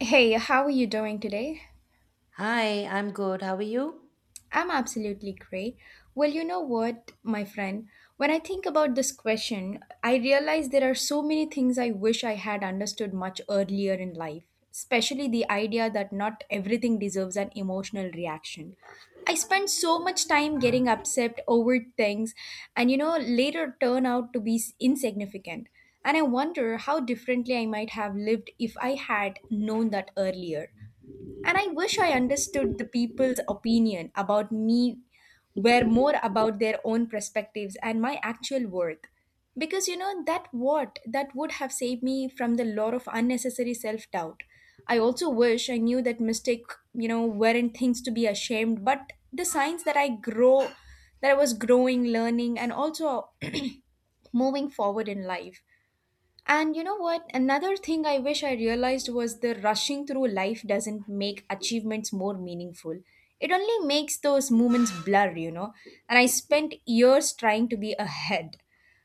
Hey, how are you doing today? Hi, I'm good. How are you? I'm absolutely great. Well, you know what, my friend? When I think about this question, I realize there are so many things I wish I had understood much earlier in life, especially the idea that not everything deserves an emotional reaction. I spent so much time getting upset over things and, you know, later turn out to be insignificant. And I wonder how differently I might have lived if I had known that earlier. And I wish I understood the people's opinion about me were more about their own perspectives and my actual worth. Because you know that what that would have saved me from the lot of unnecessary self-doubt. I also wish I knew that mistake, you know, weren't things to be ashamed, but the signs that I was growing, learning, and also moving forward in life. And you know what? Another thing I wish I realized was the rushing through life doesn't make achievements more meaningful. It only makes those moments blur. And I spent years trying to be ahead,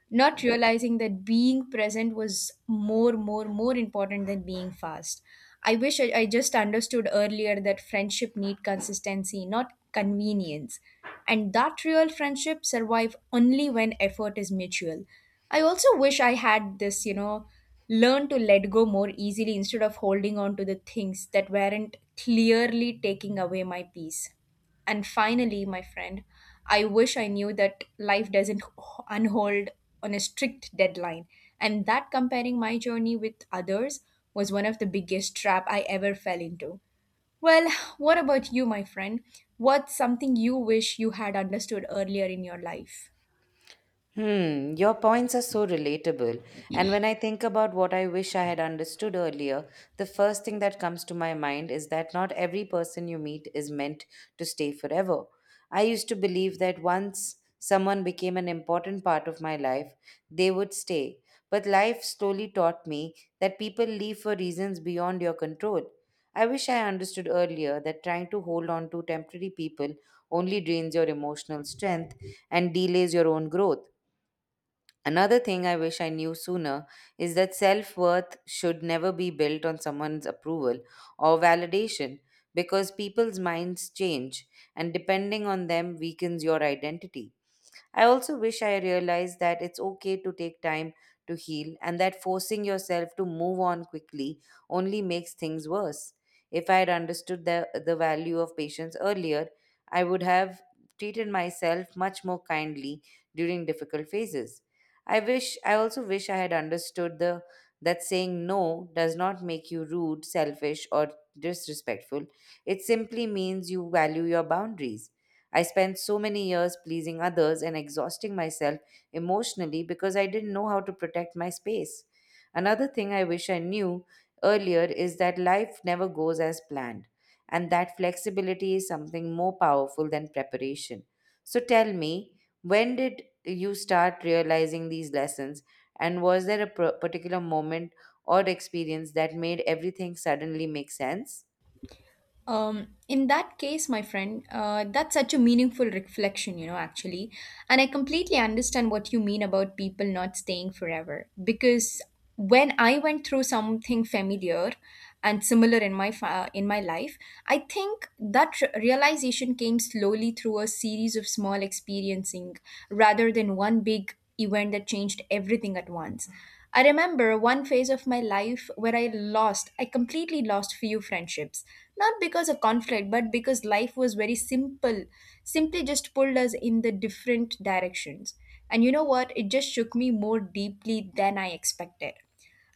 not realizing that being present was more important than being fast. I wish I just understood earlier that friendship need consistency not convenience, and that real friendship survive only when effort is mutual. I also wish I had this, learn to let go more easily instead of holding on to the things that weren't clearly taking away my peace. And finally, my friend, I wish I knew that life doesn't unhold on a strict deadline, and that comparing my journey with others was one of the biggest trap I ever fell into. Well, what about you, my friend? What's something you wish you had understood earlier in your life? Hmm, your points are so relatable. And when I think about what I wish I had understood earlier, the first thing that comes to my mind is that not every person you meet is meant to stay forever. I used to believe that once someone became an important part of my life, they would stay. But life slowly taught me that people leave for reasons beyond your control. I wish I understood earlier that trying to hold on to temporary people only drains your emotional strength and delays your own growth. Another thing I wish I knew sooner is that self worth should never be built on someone's approval or validation, because people's minds change and depending on them weakens your identity. I also wish I realized that it's okay to take time to heal, and that forcing yourself to move on quickly only makes things worse. If I had understood the value of patience earlier, I would have treated myself much more kindly during difficult phases. I also wish I had understood the that saying no does not make you rude, selfish, or disrespectful. It simply means you value your boundaries. I spent so many years pleasing others and exhausting myself emotionally because I didn't know how to protect my space. Another thing I wish I knew earlier is that life never goes as planned, and that flexibility is something more powerful than preparation. So tell me, when did you start realizing these lessons, and was there a particular moment or experience that made everything suddenly make sense? In that case, my friend, that's such a meaningful reflection, actually. And I completely understand what you mean about people not staying forever. Because when I went through something familiar and similar in in my life, I think that realization came slowly through a series of small experiencing rather than one big event that changed everything at once. I remember one phase of my life where I completely lost few friendships. Not because of conflict, but because life was very simply just pulled us in the different directions. And you know what? It just shook me more deeply than I expected.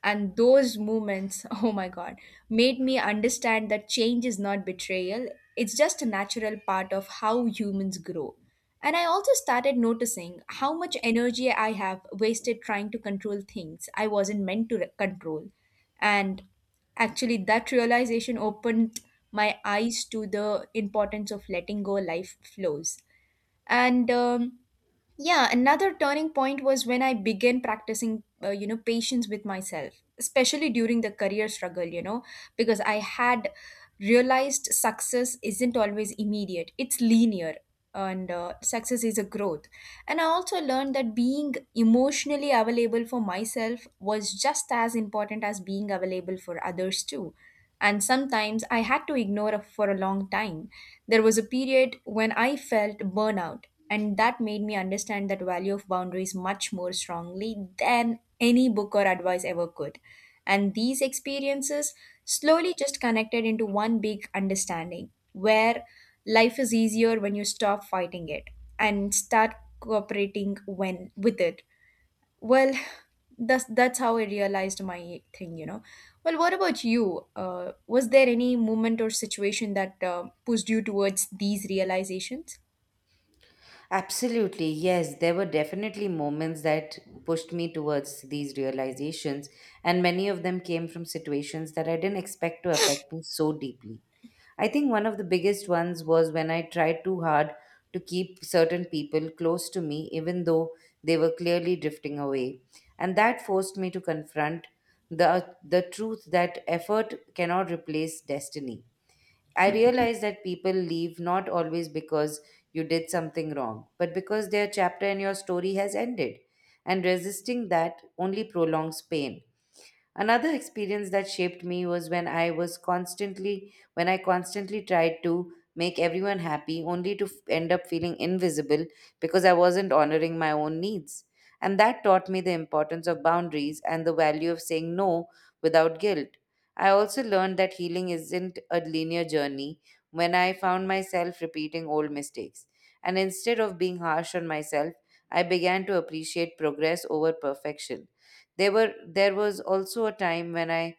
And those moments, oh my God, made me understand that change is not betrayal. It's just a natural part of how humans grow. And I also started noticing how much energy I have wasted trying to control things I wasn't meant to control. And actually, that realization opened my eyes to the importance of letting go life flows. And Yeah, another turning point was when I began practicing, patience with myself, especially during the career struggle, because I had realized success isn't always immediate, it's linear, and success is a growth. And I also learned that being emotionally available for myself was just as important as being available for others too. And sometimes I had to ignore for a long time. There was a period when I felt burnout, and that made me understand that value of boundaries much more strongly than any book or advice ever could. And these experiences slowly just connected into one big understanding where life is easier when you stop fighting it and start cooperating when with it. Well, that's how I realized my thing. well, what about you, was there any moment or situation that pushed you towards these realizations? Absolutely, yes. There were definitely moments that pushed me towards these realizations, and many of them came from situations that I didn't expect to affect me so deeply. I think one of the biggest ones was when I tried too hard to keep certain people close to me, even though they were clearly drifting away. And that forced me to confront the truth that effort cannot replace destiny. I realize that people leave not always because you did something wrong, but because their chapter in your story has ended, and resisting that only prolongs pain. Another experience that shaped me was when I constantly tried to make everyone happy only to end up feeling invisible because I wasn't honoring my own needs. And that taught me the importance of boundaries and the value of saying no without guilt. I also learned that healing isn't a linear journey when I found myself repeating old mistakes. And instead of being harsh on myself, I began to appreciate progress over perfection. There was also a time when I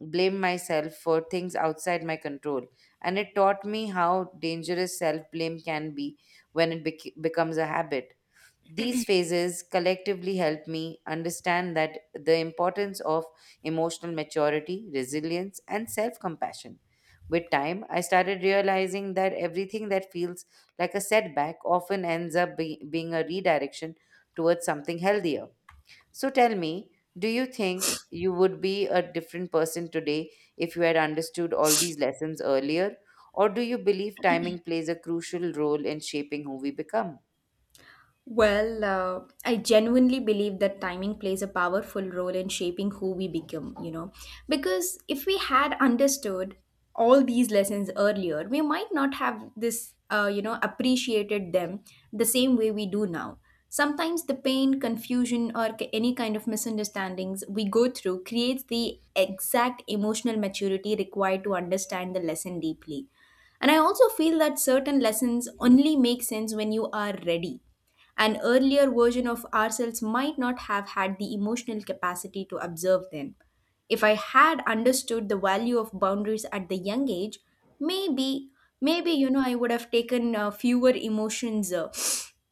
blamed myself for things outside my control, and it taught me how dangerous self-blame can be when it becomes a habit. These phases collectively help me understand that the importance of emotional maturity, resilience, and self-compassion. With time, I started realizing that everything that feels like a setback often ends up being a redirection towards something healthier. So tell me, do you think you would be a different person today if you had understood all these lessons earlier? Or do you believe timing plays a crucial role in shaping who we become? Well, I genuinely believe that timing plays a powerful role in shaping who we become. Because if we had understood all these lessons earlier, we might not have appreciated them the same way we do now. Sometimes the pain, confusion, or any kind of misunderstandings we go through creates the exact emotional maturity required to understand the lesson deeply. And I also feel that certain lessons only make sense when you are ready, an earlier version of ourselves might not have had the emotional capacity to observe them. If I had understood the value of boundaries at the young age, maybe, maybe, I would have taken fewer emotions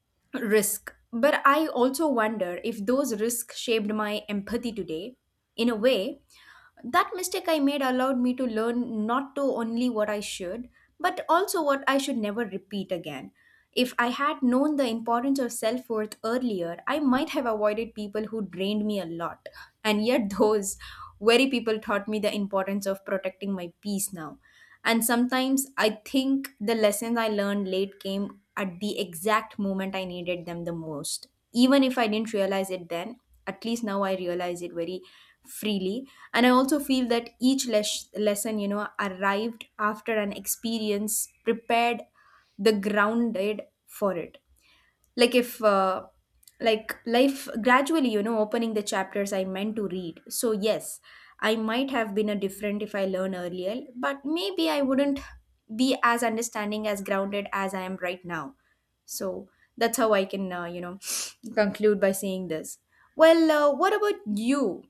risk. But I also wonder if those risks shaped my empathy today. In a way, that mistake I made allowed me to learn not to only what I should, but also what I should never repeat again. If I had known the importance of self worth earlier, I might have avoided people who drained me a lot. And yet, those very people taught me the importance of protecting my peace now. And sometimes I think the lessons I learned late came at the exact moment I needed them the most. Even if I didn't realize it then, at least now I realize it very freely. And I also feel that each lesson, arrived after an experience prepared the grounded for it, like if like life gradually opening the chapters I meant to read. So yes, I might have been a different if I learn earlier, but maybe I wouldn't be as understanding as grounded as I am right now. So that's how I can conclude by saying this. Well, what about you?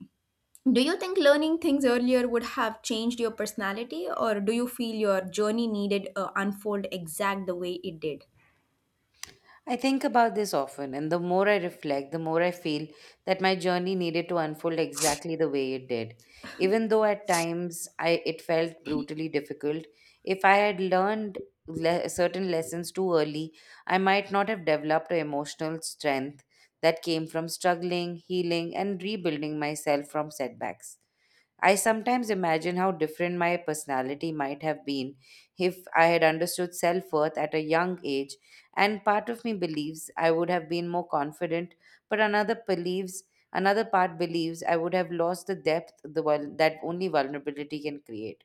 Do you think learning things earlier would have changed your personality, or do you feel your journey needed unfold exact the way it did? I think about this often, and the more I reflect, the more I feel that my journey needed to unfold exactly the way it did. Even though at times it felt brutally difficult, if I had learned certain lessons too early, I might not have developed an emotional strength that came from struggling, healing, and rebuilding myself from setbacks. I sometimes imagine how different my personality might have been if I had understood self worth at a young age, and part of me believes I would have been more confident, but another part believes I would have lost the depth that only vulnerability can create.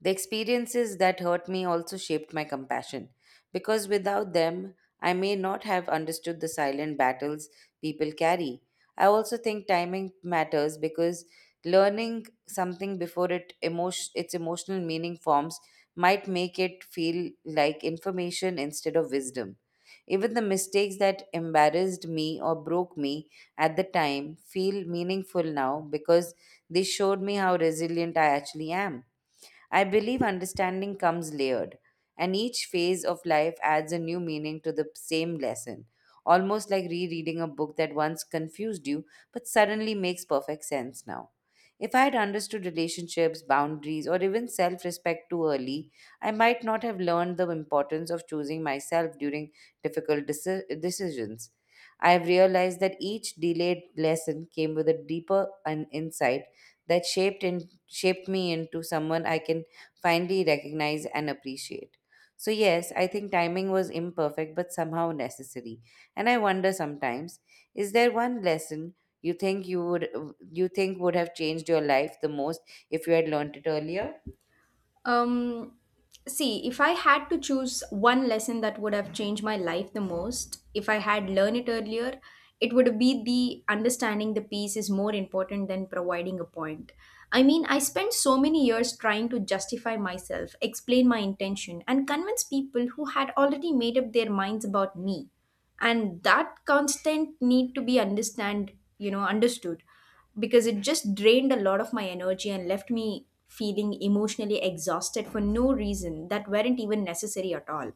The experiences that hurt me also shaped my compassion, because without them, I may not have understood the silent battles people carry. I also think timing matters because learning something before its emotional meaning forms might make it feel like information instead of wisdom. Even the mistakes that embarrassed me or broke me at the time feel meaningful now because they showed me how resilient I actually am. I believe understanding comes layered, and each phase of life adds a new meaning to the same lesson, almost like rereading a book that once confused you but suddenly makes perfect sense now. If I had understood relationships, boundaries, or even self respect too early, I might not have learned the importance of choosing myself during difficult decisions. I have realized that each delayed lesson came with a deeper an insight that shaped me into someone I can finally recognize and appreciate. So, yes, I think timing was imperfect but somehow necessary. And I wonder sometimes, is there one lesson you think you would you think would have changed your life the most if you had learned it earlier? Um, See, if I had to choose one lesson that would have changed my life the most, if I had learned it earlier, it would be the understanding the piece is more important than providing a point. I mean, I spent so many years trying to justify myself, explain my intention, and convince people who had already made up their minds about me, and that constant need to be understand you know understood, because it just drained a lot of my energy and left me feeling emotionally exhausted for no reason that weren't even necessary at all.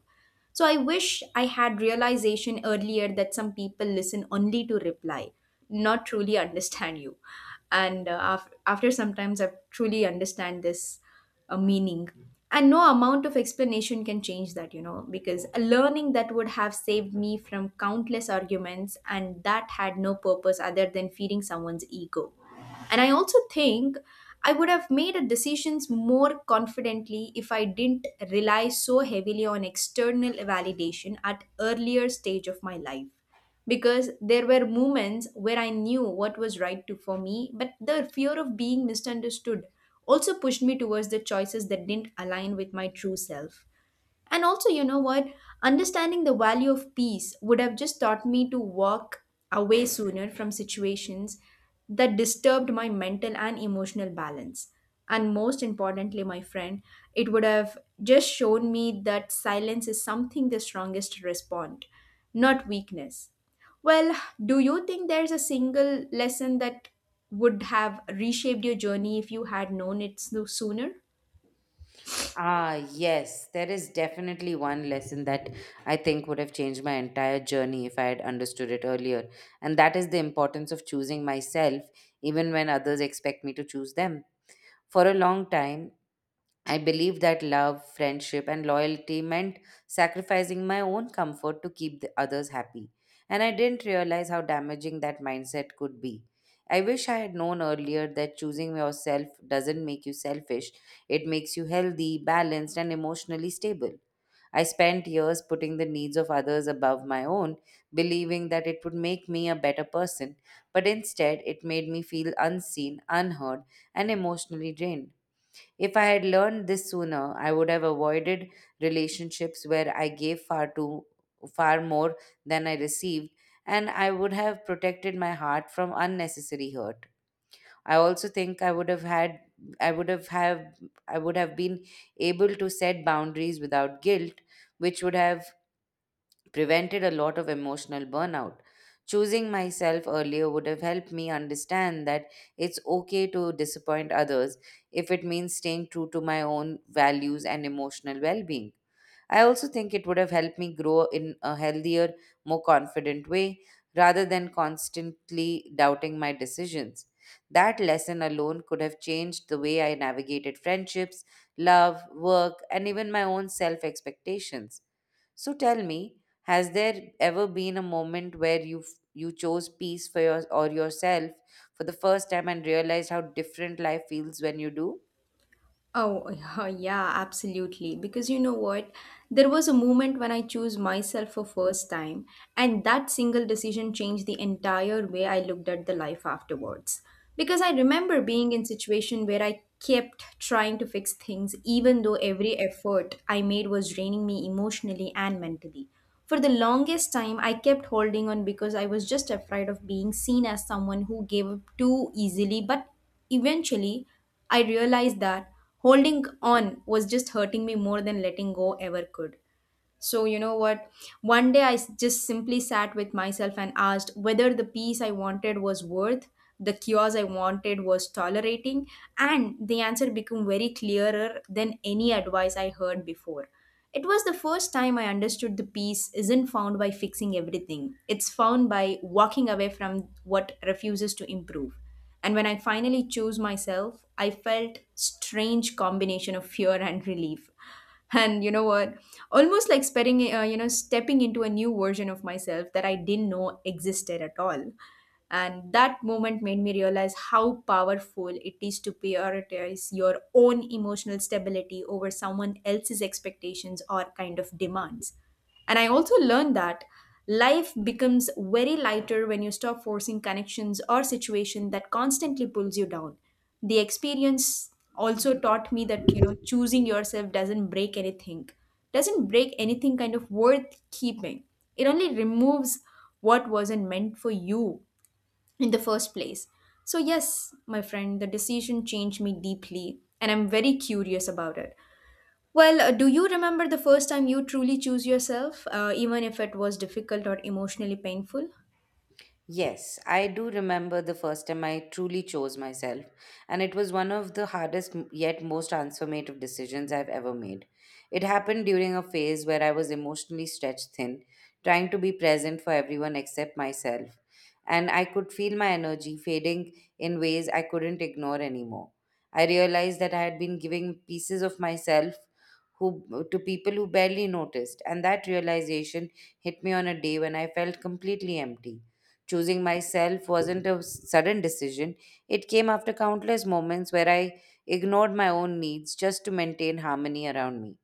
So I wish I had realization earlier that some people listen only to reply, not truly understand you. And after sometimes I've truly understand this a meaning, and no amount of explanation can change that, because a learning that would have saved me from countless arguments and that had no purpose other than feeding someone's ego. And I also think I would have made a decisions more confidently if I didn't rely so heavily on external validation at earlier stage of my life, because there were moments where I knew what was right for me, but the fear of being misunderstood also pushed me towards the choices that didn't align with my true self. And also, you know what? Understanding the value of peace would have just taught me to walk away sooner from situations that disturbed my mental and emotional balance. And most importantly, my friend, it would have just shown me that silence is something the strongest respond, not weakness. Well, do you think there's a single lesson that would have reshaped your journey if you had known it sooner? Ah, yes, there is definitely one lesson that I think would have changed my entire journey if I had understood it earlier, and that is the importance of choosing myself even when others expect me to choose them. For a long time, I believe that love, friendship, and loyalty meant sacrificing my own comfort to keep the others happy. And I didn't realize how damaging that mindset could be. I wish I had known earlier that choosing yourself doesn't make you selfish, it makes you healthy, balanced, and emotionally stable. I spent years putting the needs of others above my own, believing that it would make me a better person, but instead it made me feel unseen, unheard, and emotionally drained. If I had learned this sooner, I would have avoided relationships where I gave far more than I received, and I would have protected my heart from unnecessary hurt. I also think I would have had I would have I would have been able to set boundaries without guilt, which would have prevented a lot of emotional burnout. Choosing myself earlier would have helped me understand that it's okay to disappoint others if it means staying true to my own values and emotional well being. I also think it would have helped me grow in a healthier, more confident way rather than constantly doubting my decisions. That lesson alone could have changed the way I navigated friendships, love, work, and even my own self expectations. So tell me, has there ever been a moment where you chose peace for yourself for the first time and realized how different life feels when you do? Oh, yeah, absolutely. Because you know what? There was a moment when I chose myself for first time, and that single decision changed the entire way I looked at the life afterwards. Because I remember being in situation where I kept trying to fix things even though every effort I made was draining me emotionally and mentally. For the longest time, I kept holding on because I was just afraid of being seen as someone who gave up too easily, but eventually, I realized that holding on was just hurting me more than letting go ever could. So, you know what? One day just simply sat with myself and asked whether the peace I wanted was worth, the chaos I wanted was tolerating, and the answer became very clearer than any advice I heard before. It was the first time I understood the peace isn't found by fixing everything, it's found by walking away from what refuses to improve. And when I finally chose myself, I felt strange combination of fear and relief, and you know what, almost like spreading you know stepping into a new version of myself that I didn't know existed at all. And that moment made me realize how powerful it is to prioritize your own emotional stability over someone else's expectations or kind of demands. And I also learned that life becomes very lighter when you stop forcing connections or situation that constantly pulls you down. The experience also taught me that, you know, choosing yourself doesn't break anything kind of worth keeping. It only removes what wasn't meant for you in the first place. So, yes, my friend, the decision changed me deeply, and I'm very curious about it. Do you remember the first time you truly choose yourself, even if it was difficult or emotionally painful? Yes, I do remember the first time I truly chose myself, and it was one of the hardest yet most transformative decisions I've ever made. It happened during a phase where I was emotionally stretched thin, trying to be present for everyone except myself, and I could feel my energy fading in ways I couldn't ignore anymore. I realized that I had been giving pieces of myself who to people who barely noticed, and that realization hit me on a day when I felt completely empty. Choosing myself wasn't a sudden decision, it came after countless moments where I ignored my own needs just to maintain harmony around me.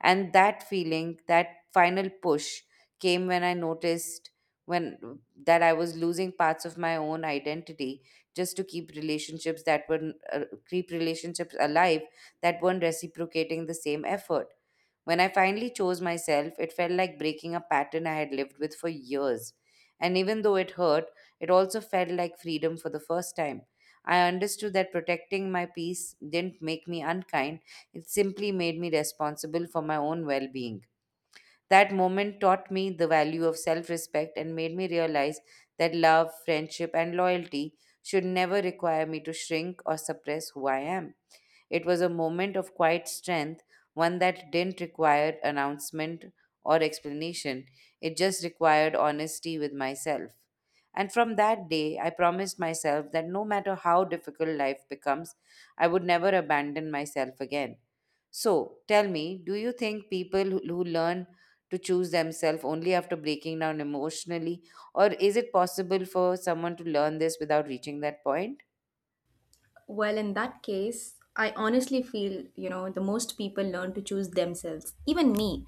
And that feeling, that final push came when I noticed when that I was losing parts of my own identity just to keep relationships that were keep relationships alive that weren't reciprocating the same effort. When I finally chose myself, it felt like breaking a pattern I had lived with for years. And even though it hurt, it also felt like freedom for the first time. I understood that protecting my peace didn't make me unkind, it simply made me responsible for my own well being. That moment taught me the value of self respect and made me realize that love, friendship, and loyalty should never require me to shrink or suppress who I am. It was a moment of quiet strength, one that didn't require announcement or explanation. It just required honesty with myself. And from that day, I promised myself that no matter how difficult life becomes, I would never abandon myself again. So, tell me, do you think people who learn to choose themselves only after breaking down emotionally, or is it possible for someone to learn this without reaching that point? Well, in that case, I honestly feel, you know, the most people learn to choose themselves, even me.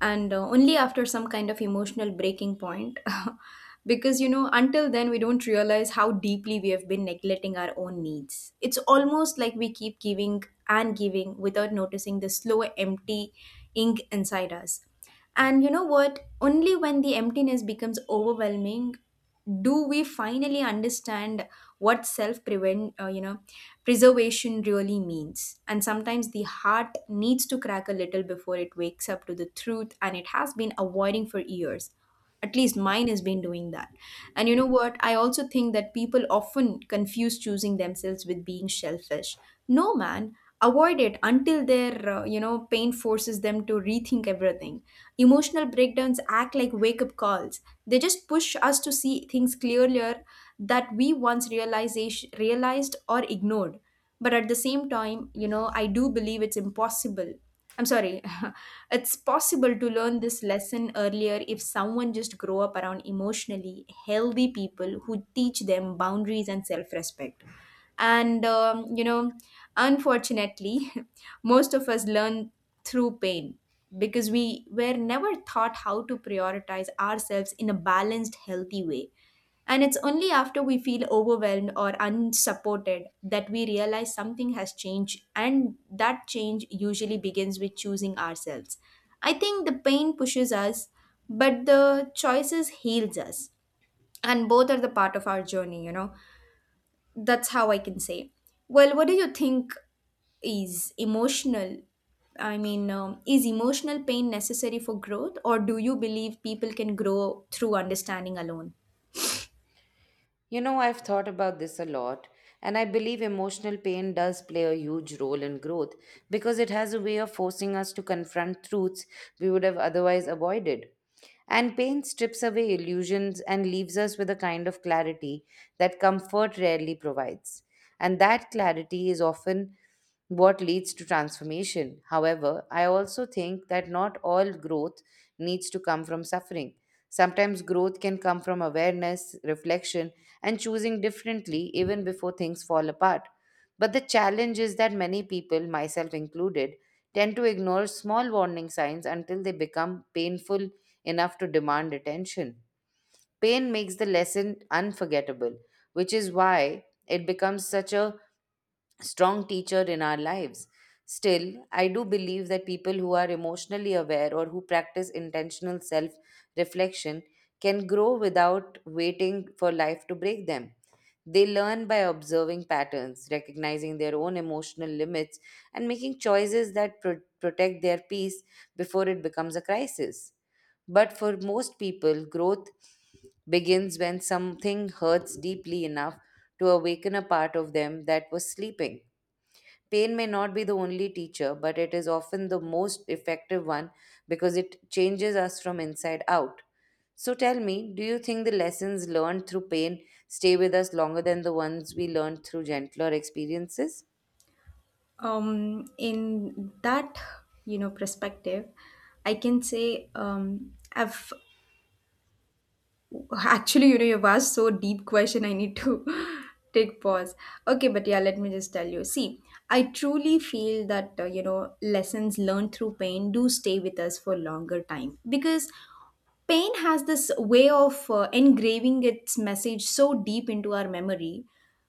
And Only after some kind of emotional breaking point. Because, you know, until then, we don't realize how deeply we have been neglecting our own needs. It's almost like we keep giving and giving without noticing the slow, empty ink inside us. And you know what? Only when the emptiness becomes overwhelming do we finally understand what self prevent you know, preservation really means, and sometimes the heart needs to crack a little before it wakes up to the truth and it has been avoiding for years, at least mine has been doing that. And you know what? I also think that people often confuse choosing themselves with being selfish. No, man, avoid it until you know, pain forces them to rethink everything. Emotional breakdowns act like wake up calls. They just push us to see things clearer that we once realized or ignored. But at the same time, you know, I do believe it's impossible, I'm sorry. It's possible to learn this lesson earlier if someone just grow up around emotionally healthy people who teach them boundaries and self-respect. And You know, unfortunately, most of us learn through pain because we were never taught how to prioritize ourselves in a balanced, healthy way. And it's only after we feel overwhelmed or unsupported that we realize something has changed, and that change usually begins with choosing ourselves. I think the pain pushes us, but the choices heals us, and both are the part of our journey, you know, that's how I can say. Well, what do you think is emotional? Is emotional pain necessary for growth, or do you believe people can grow through understanding alone? You know, I've thought about this a lot, and I believe emotional pain does play a huge role in growth because it has a way of forcing us to confront truths we would have otherwise avoided. And pain strips away illusions and leaves us with a kind of clarity that comfort rarely provides. And that clarity is often what leads to transformation. However, I also think that not all growth needs to come from suffering. Sometimes growth can come from awareness, reflection, and choosing differently even before things fall apart. But the challenge is that many people, myself included, tend to ignore small warning signs until they become painful enough to demand attention. Pain makes the lesson unforgettable, which is why it becomes such a strong teacher in our lives. Still, I do believe that people who are emotionally aware or who practice intentional self reflection can grow without waiting for life to break them. They learn by observing patterns, recognizing their own emotional limits, and making choices that protect their peace before it becomes a crisis. But for most people, growth begins when something hurts deeply enough to awaken a part of them that was sleeping. Pain may not be the only teacher, but it is often the most effective one because it changes us from inside out. So tell me, do you think the lessons learned through pain stay with us longer than the ones we learned through gentler experiences? In that, you know, perspective, I can say I've Actually, you know, you've asked so deep question. I need to take pause. Okay, but yeah, let me just tell you. See, I truly feel that you know, lessons learned through pain do stay with us for longer time because pain has this way of engraving its message so deep into our memory.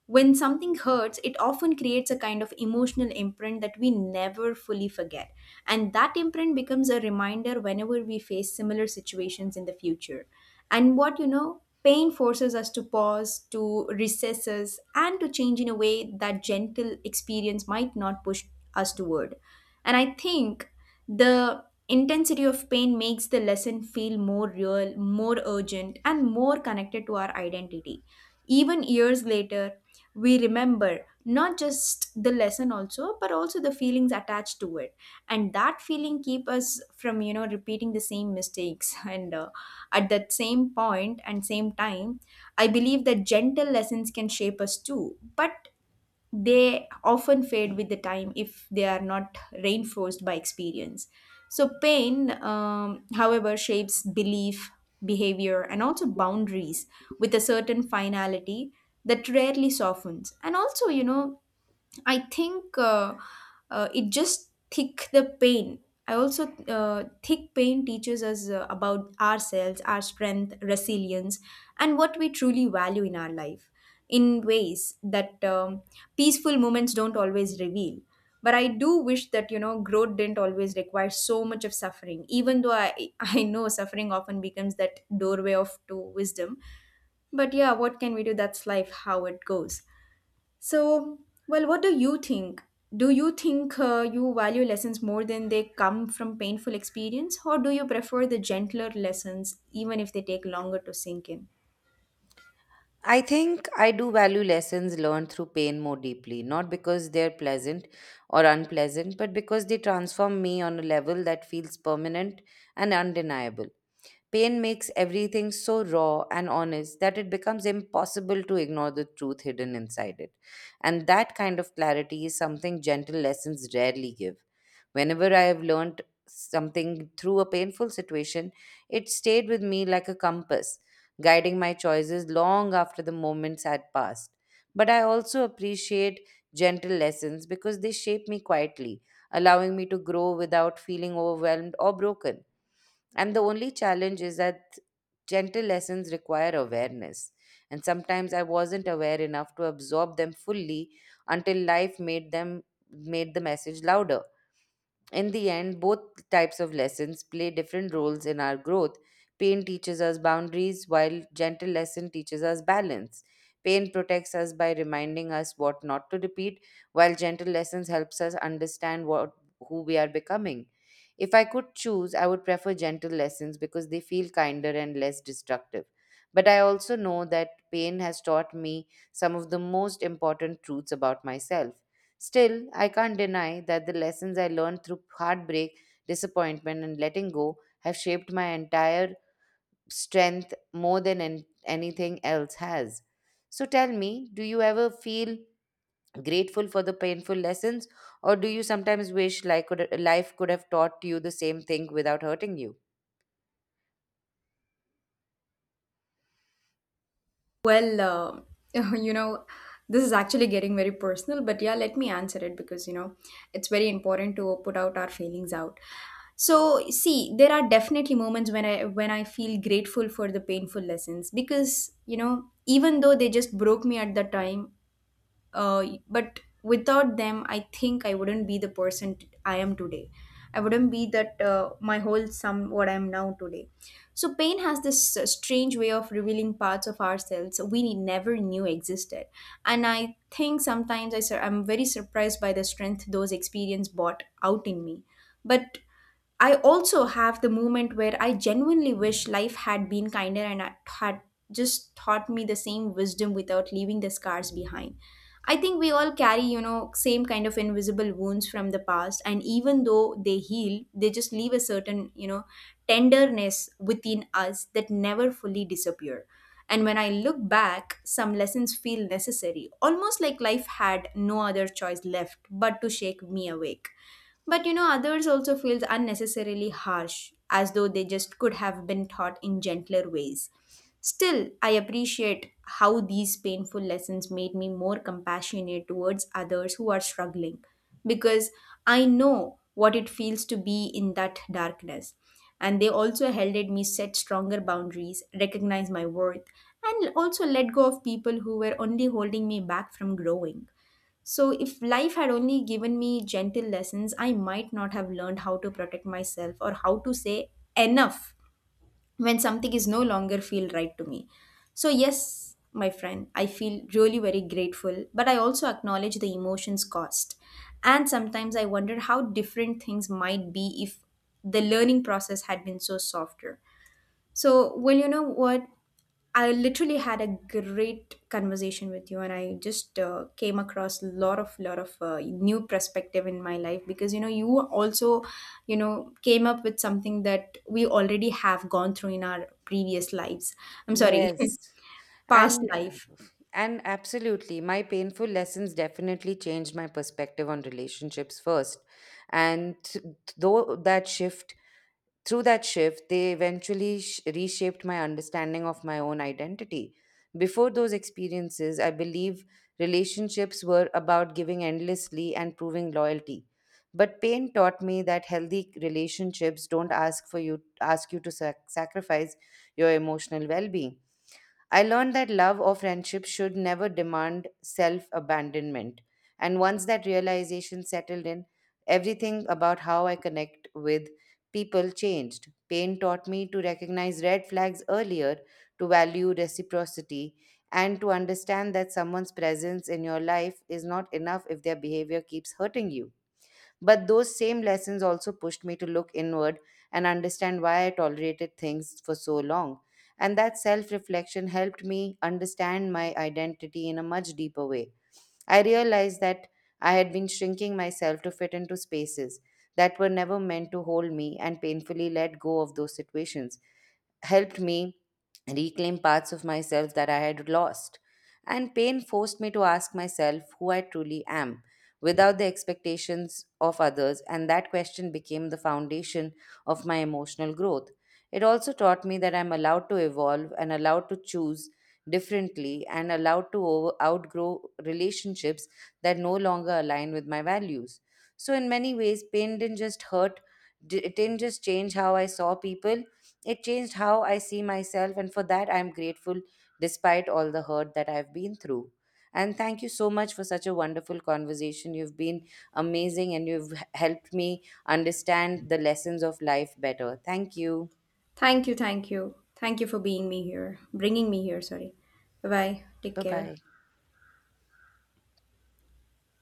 When something hurts, it often creates a kind of emotional imprint that we never fully forget. And that imprint becomes a reminder whenever we face similar situations in the future. And what, you know, pain forces us to pause, to recess us, and to change in a way that gentle experience might not push us toward. And I think the intensity of pain makes the lesson feel more real, more urgent, and more connected to our identity. Even years later, we remember not just the lesson also but also the feelings attached to it, and that feeling keep us from, you know, repeating the same mistakes. and At that same point and same time, I believe that gentle lessons can shape us too, but they often fade with the time if they are not reinforced by experience. So, pain, however, shapes belief, behavior, and also boundaries with a certain finality that rarely softens. And also, you know, I think it just thick the pain. I also thick pain teaches us about ourselves, our strength, resilience, and what we truly value in our life in ways that peaceful moments don't always reveal. But I do wish that, you know, growth didn't always require so much of suffering. Even though I I know suffering often becomes that doorway of to wisdom. But yeah, what can we do? That's life, how it goes. So, well, what do you think? Do you think you value lessons more than they come from painful experience, or do you prefer the gentler lessons, even if they take longer to sink in? I think I do value lessons learned through pain more deeply, not because they're pleasant or unpleasant, but because they transform me on a level that feels permanent and undeniable. Pain makes everything so raw and honest that it becomes impossible to ignore the truth hidden inside it. And that kind of clarity is something gentle lessons rarely give. Whenever I have learned something through a painful situation, it stayed with me like a compass, guiding my choices long after the moments had passed. But I also appreciate gentle lessons because they shape me quietly, allowing me to grow without feeling overwhelmed or broken. And the only challenge is that gentle lessons require awareness. And sometimes I wasn't aware enough to absorb them fully until life made the message louder. In the end, both types of lessons play different roles in our growth. Pain teaches us boundaries, while gentle lesson teaches us balance. Pain protects us by reminding us what not to repeat, while gentle lessons helps us understand what who we are becoming. If I could choose, I would prefer gentle lessons because they feel kinder and less destructive. But I also know that pain has taught me some of the most important truths about myself. Still, I can't deny that the lessons I learned through heartbreak, disappointment, and letting go have shaped my entire strength more than anything else has. So tell me, do you ever feel grateful for the painful lessons, or do you sometimes life could have taught you the same thing without hurting you? You know, this is actually getting very personal, but yeah, let me answer it because, you know, it's very important to put out our feelings out. So, see, there are definitely moments when I feel grateful for the painful lessons because, you know, even though they just broke me at the time, but without them, I think I wouldn't be the person I am today. I wouldn't be that, my whole sum what I am now today. So pain has this strange way of revealing parts of ourselves we never knew existed, and I think sometimes I'm very surprised by the strength those experience brought out in me. But I also have the moment where I genuinely wish life had been kinder and had just taught me the same wisdom without leaving the scars behind. I think we all carry, you know, same kind of invisible wounds from the past, and even though they heal, they just leave a certain, you know, tenderness within us that never fully disappear. And when I look back, some lessons feel necessary, almost like life had no other choice left but to shake me awake. But you know, others also feels unnecessarily harsh, as though they just could have been taught in gentler ways. Still, I appreciate how these painful lessons made me more compassionate towards others who are struggling because I know what it feels to be in that darkness. And they also helped me set stronger boundaries, recognize my worth, and also let go of people who were only holding me back from growing. So, if life had only given me gentle lessons, I might not have learned how to protect myself or how to say enough when something is no longer feel right to me. So, yes, my friend, I feel really very grateful, but I also acknowledge the emotions cost. And sometimes I wonder how different things might be if the learning process had been so softer. So, well, you know what? I literally had a great conversation with you, and I just came across a lot of new perspective in my life because, you know, you also, you know, came up with something that we already have gone through in our previous lives. I'm sorry, Yes. past And life. And absolutely, my painful lessons definitely changed my perspective on relationships first. And th- though that shift, Through that shift, they eventually reshaped my understanding of my own identity. Before those experiences, I believe relationships were about giving endlessly and proving loyalty. But pain taught me that healthy relationships don't ask for you ask you to sacrifice your emotional well-being. I learned that love or friendship should never demand self abandonment. And once that realization settled in, everything about how I connect with people changed. Pain taught me to recognize red flags earlier, to value reciprocity, and to understand that someone's presence in your life is not enough if their behavior keeps hurting you. But those same lessons also pushed me to look inward and understand why I tolerated things for so long. And that self reflection helped me understand my identity in a much deeper way. I realized that I had been shrinking myself to fit into spaces that were never meant to hold me, and painfully let go of those situations helped me reclaim parts of myself that I had lost. And pain forced me to ask myself who I truly am without the expectations of others, and that question became the foundation of my emotional growth. It also taught me that I'm allowed to evolve and allowed to choose differently and allowed to outgrow relationships that no longer align with my values. So, in many ways, pain didn't just hurt, it didn't just change how I saw people, it changed how I see myself, and for that I'm grateful despite all the hurt that I've been through. And thank you so much for such a wonderful conversation. You've been amazing and you've helped me understand the lessons of life better. Thank you. Thank you, thank you, thank you for being me here, bringing me here. Sorry. Bye bye. Take Bye bye. care.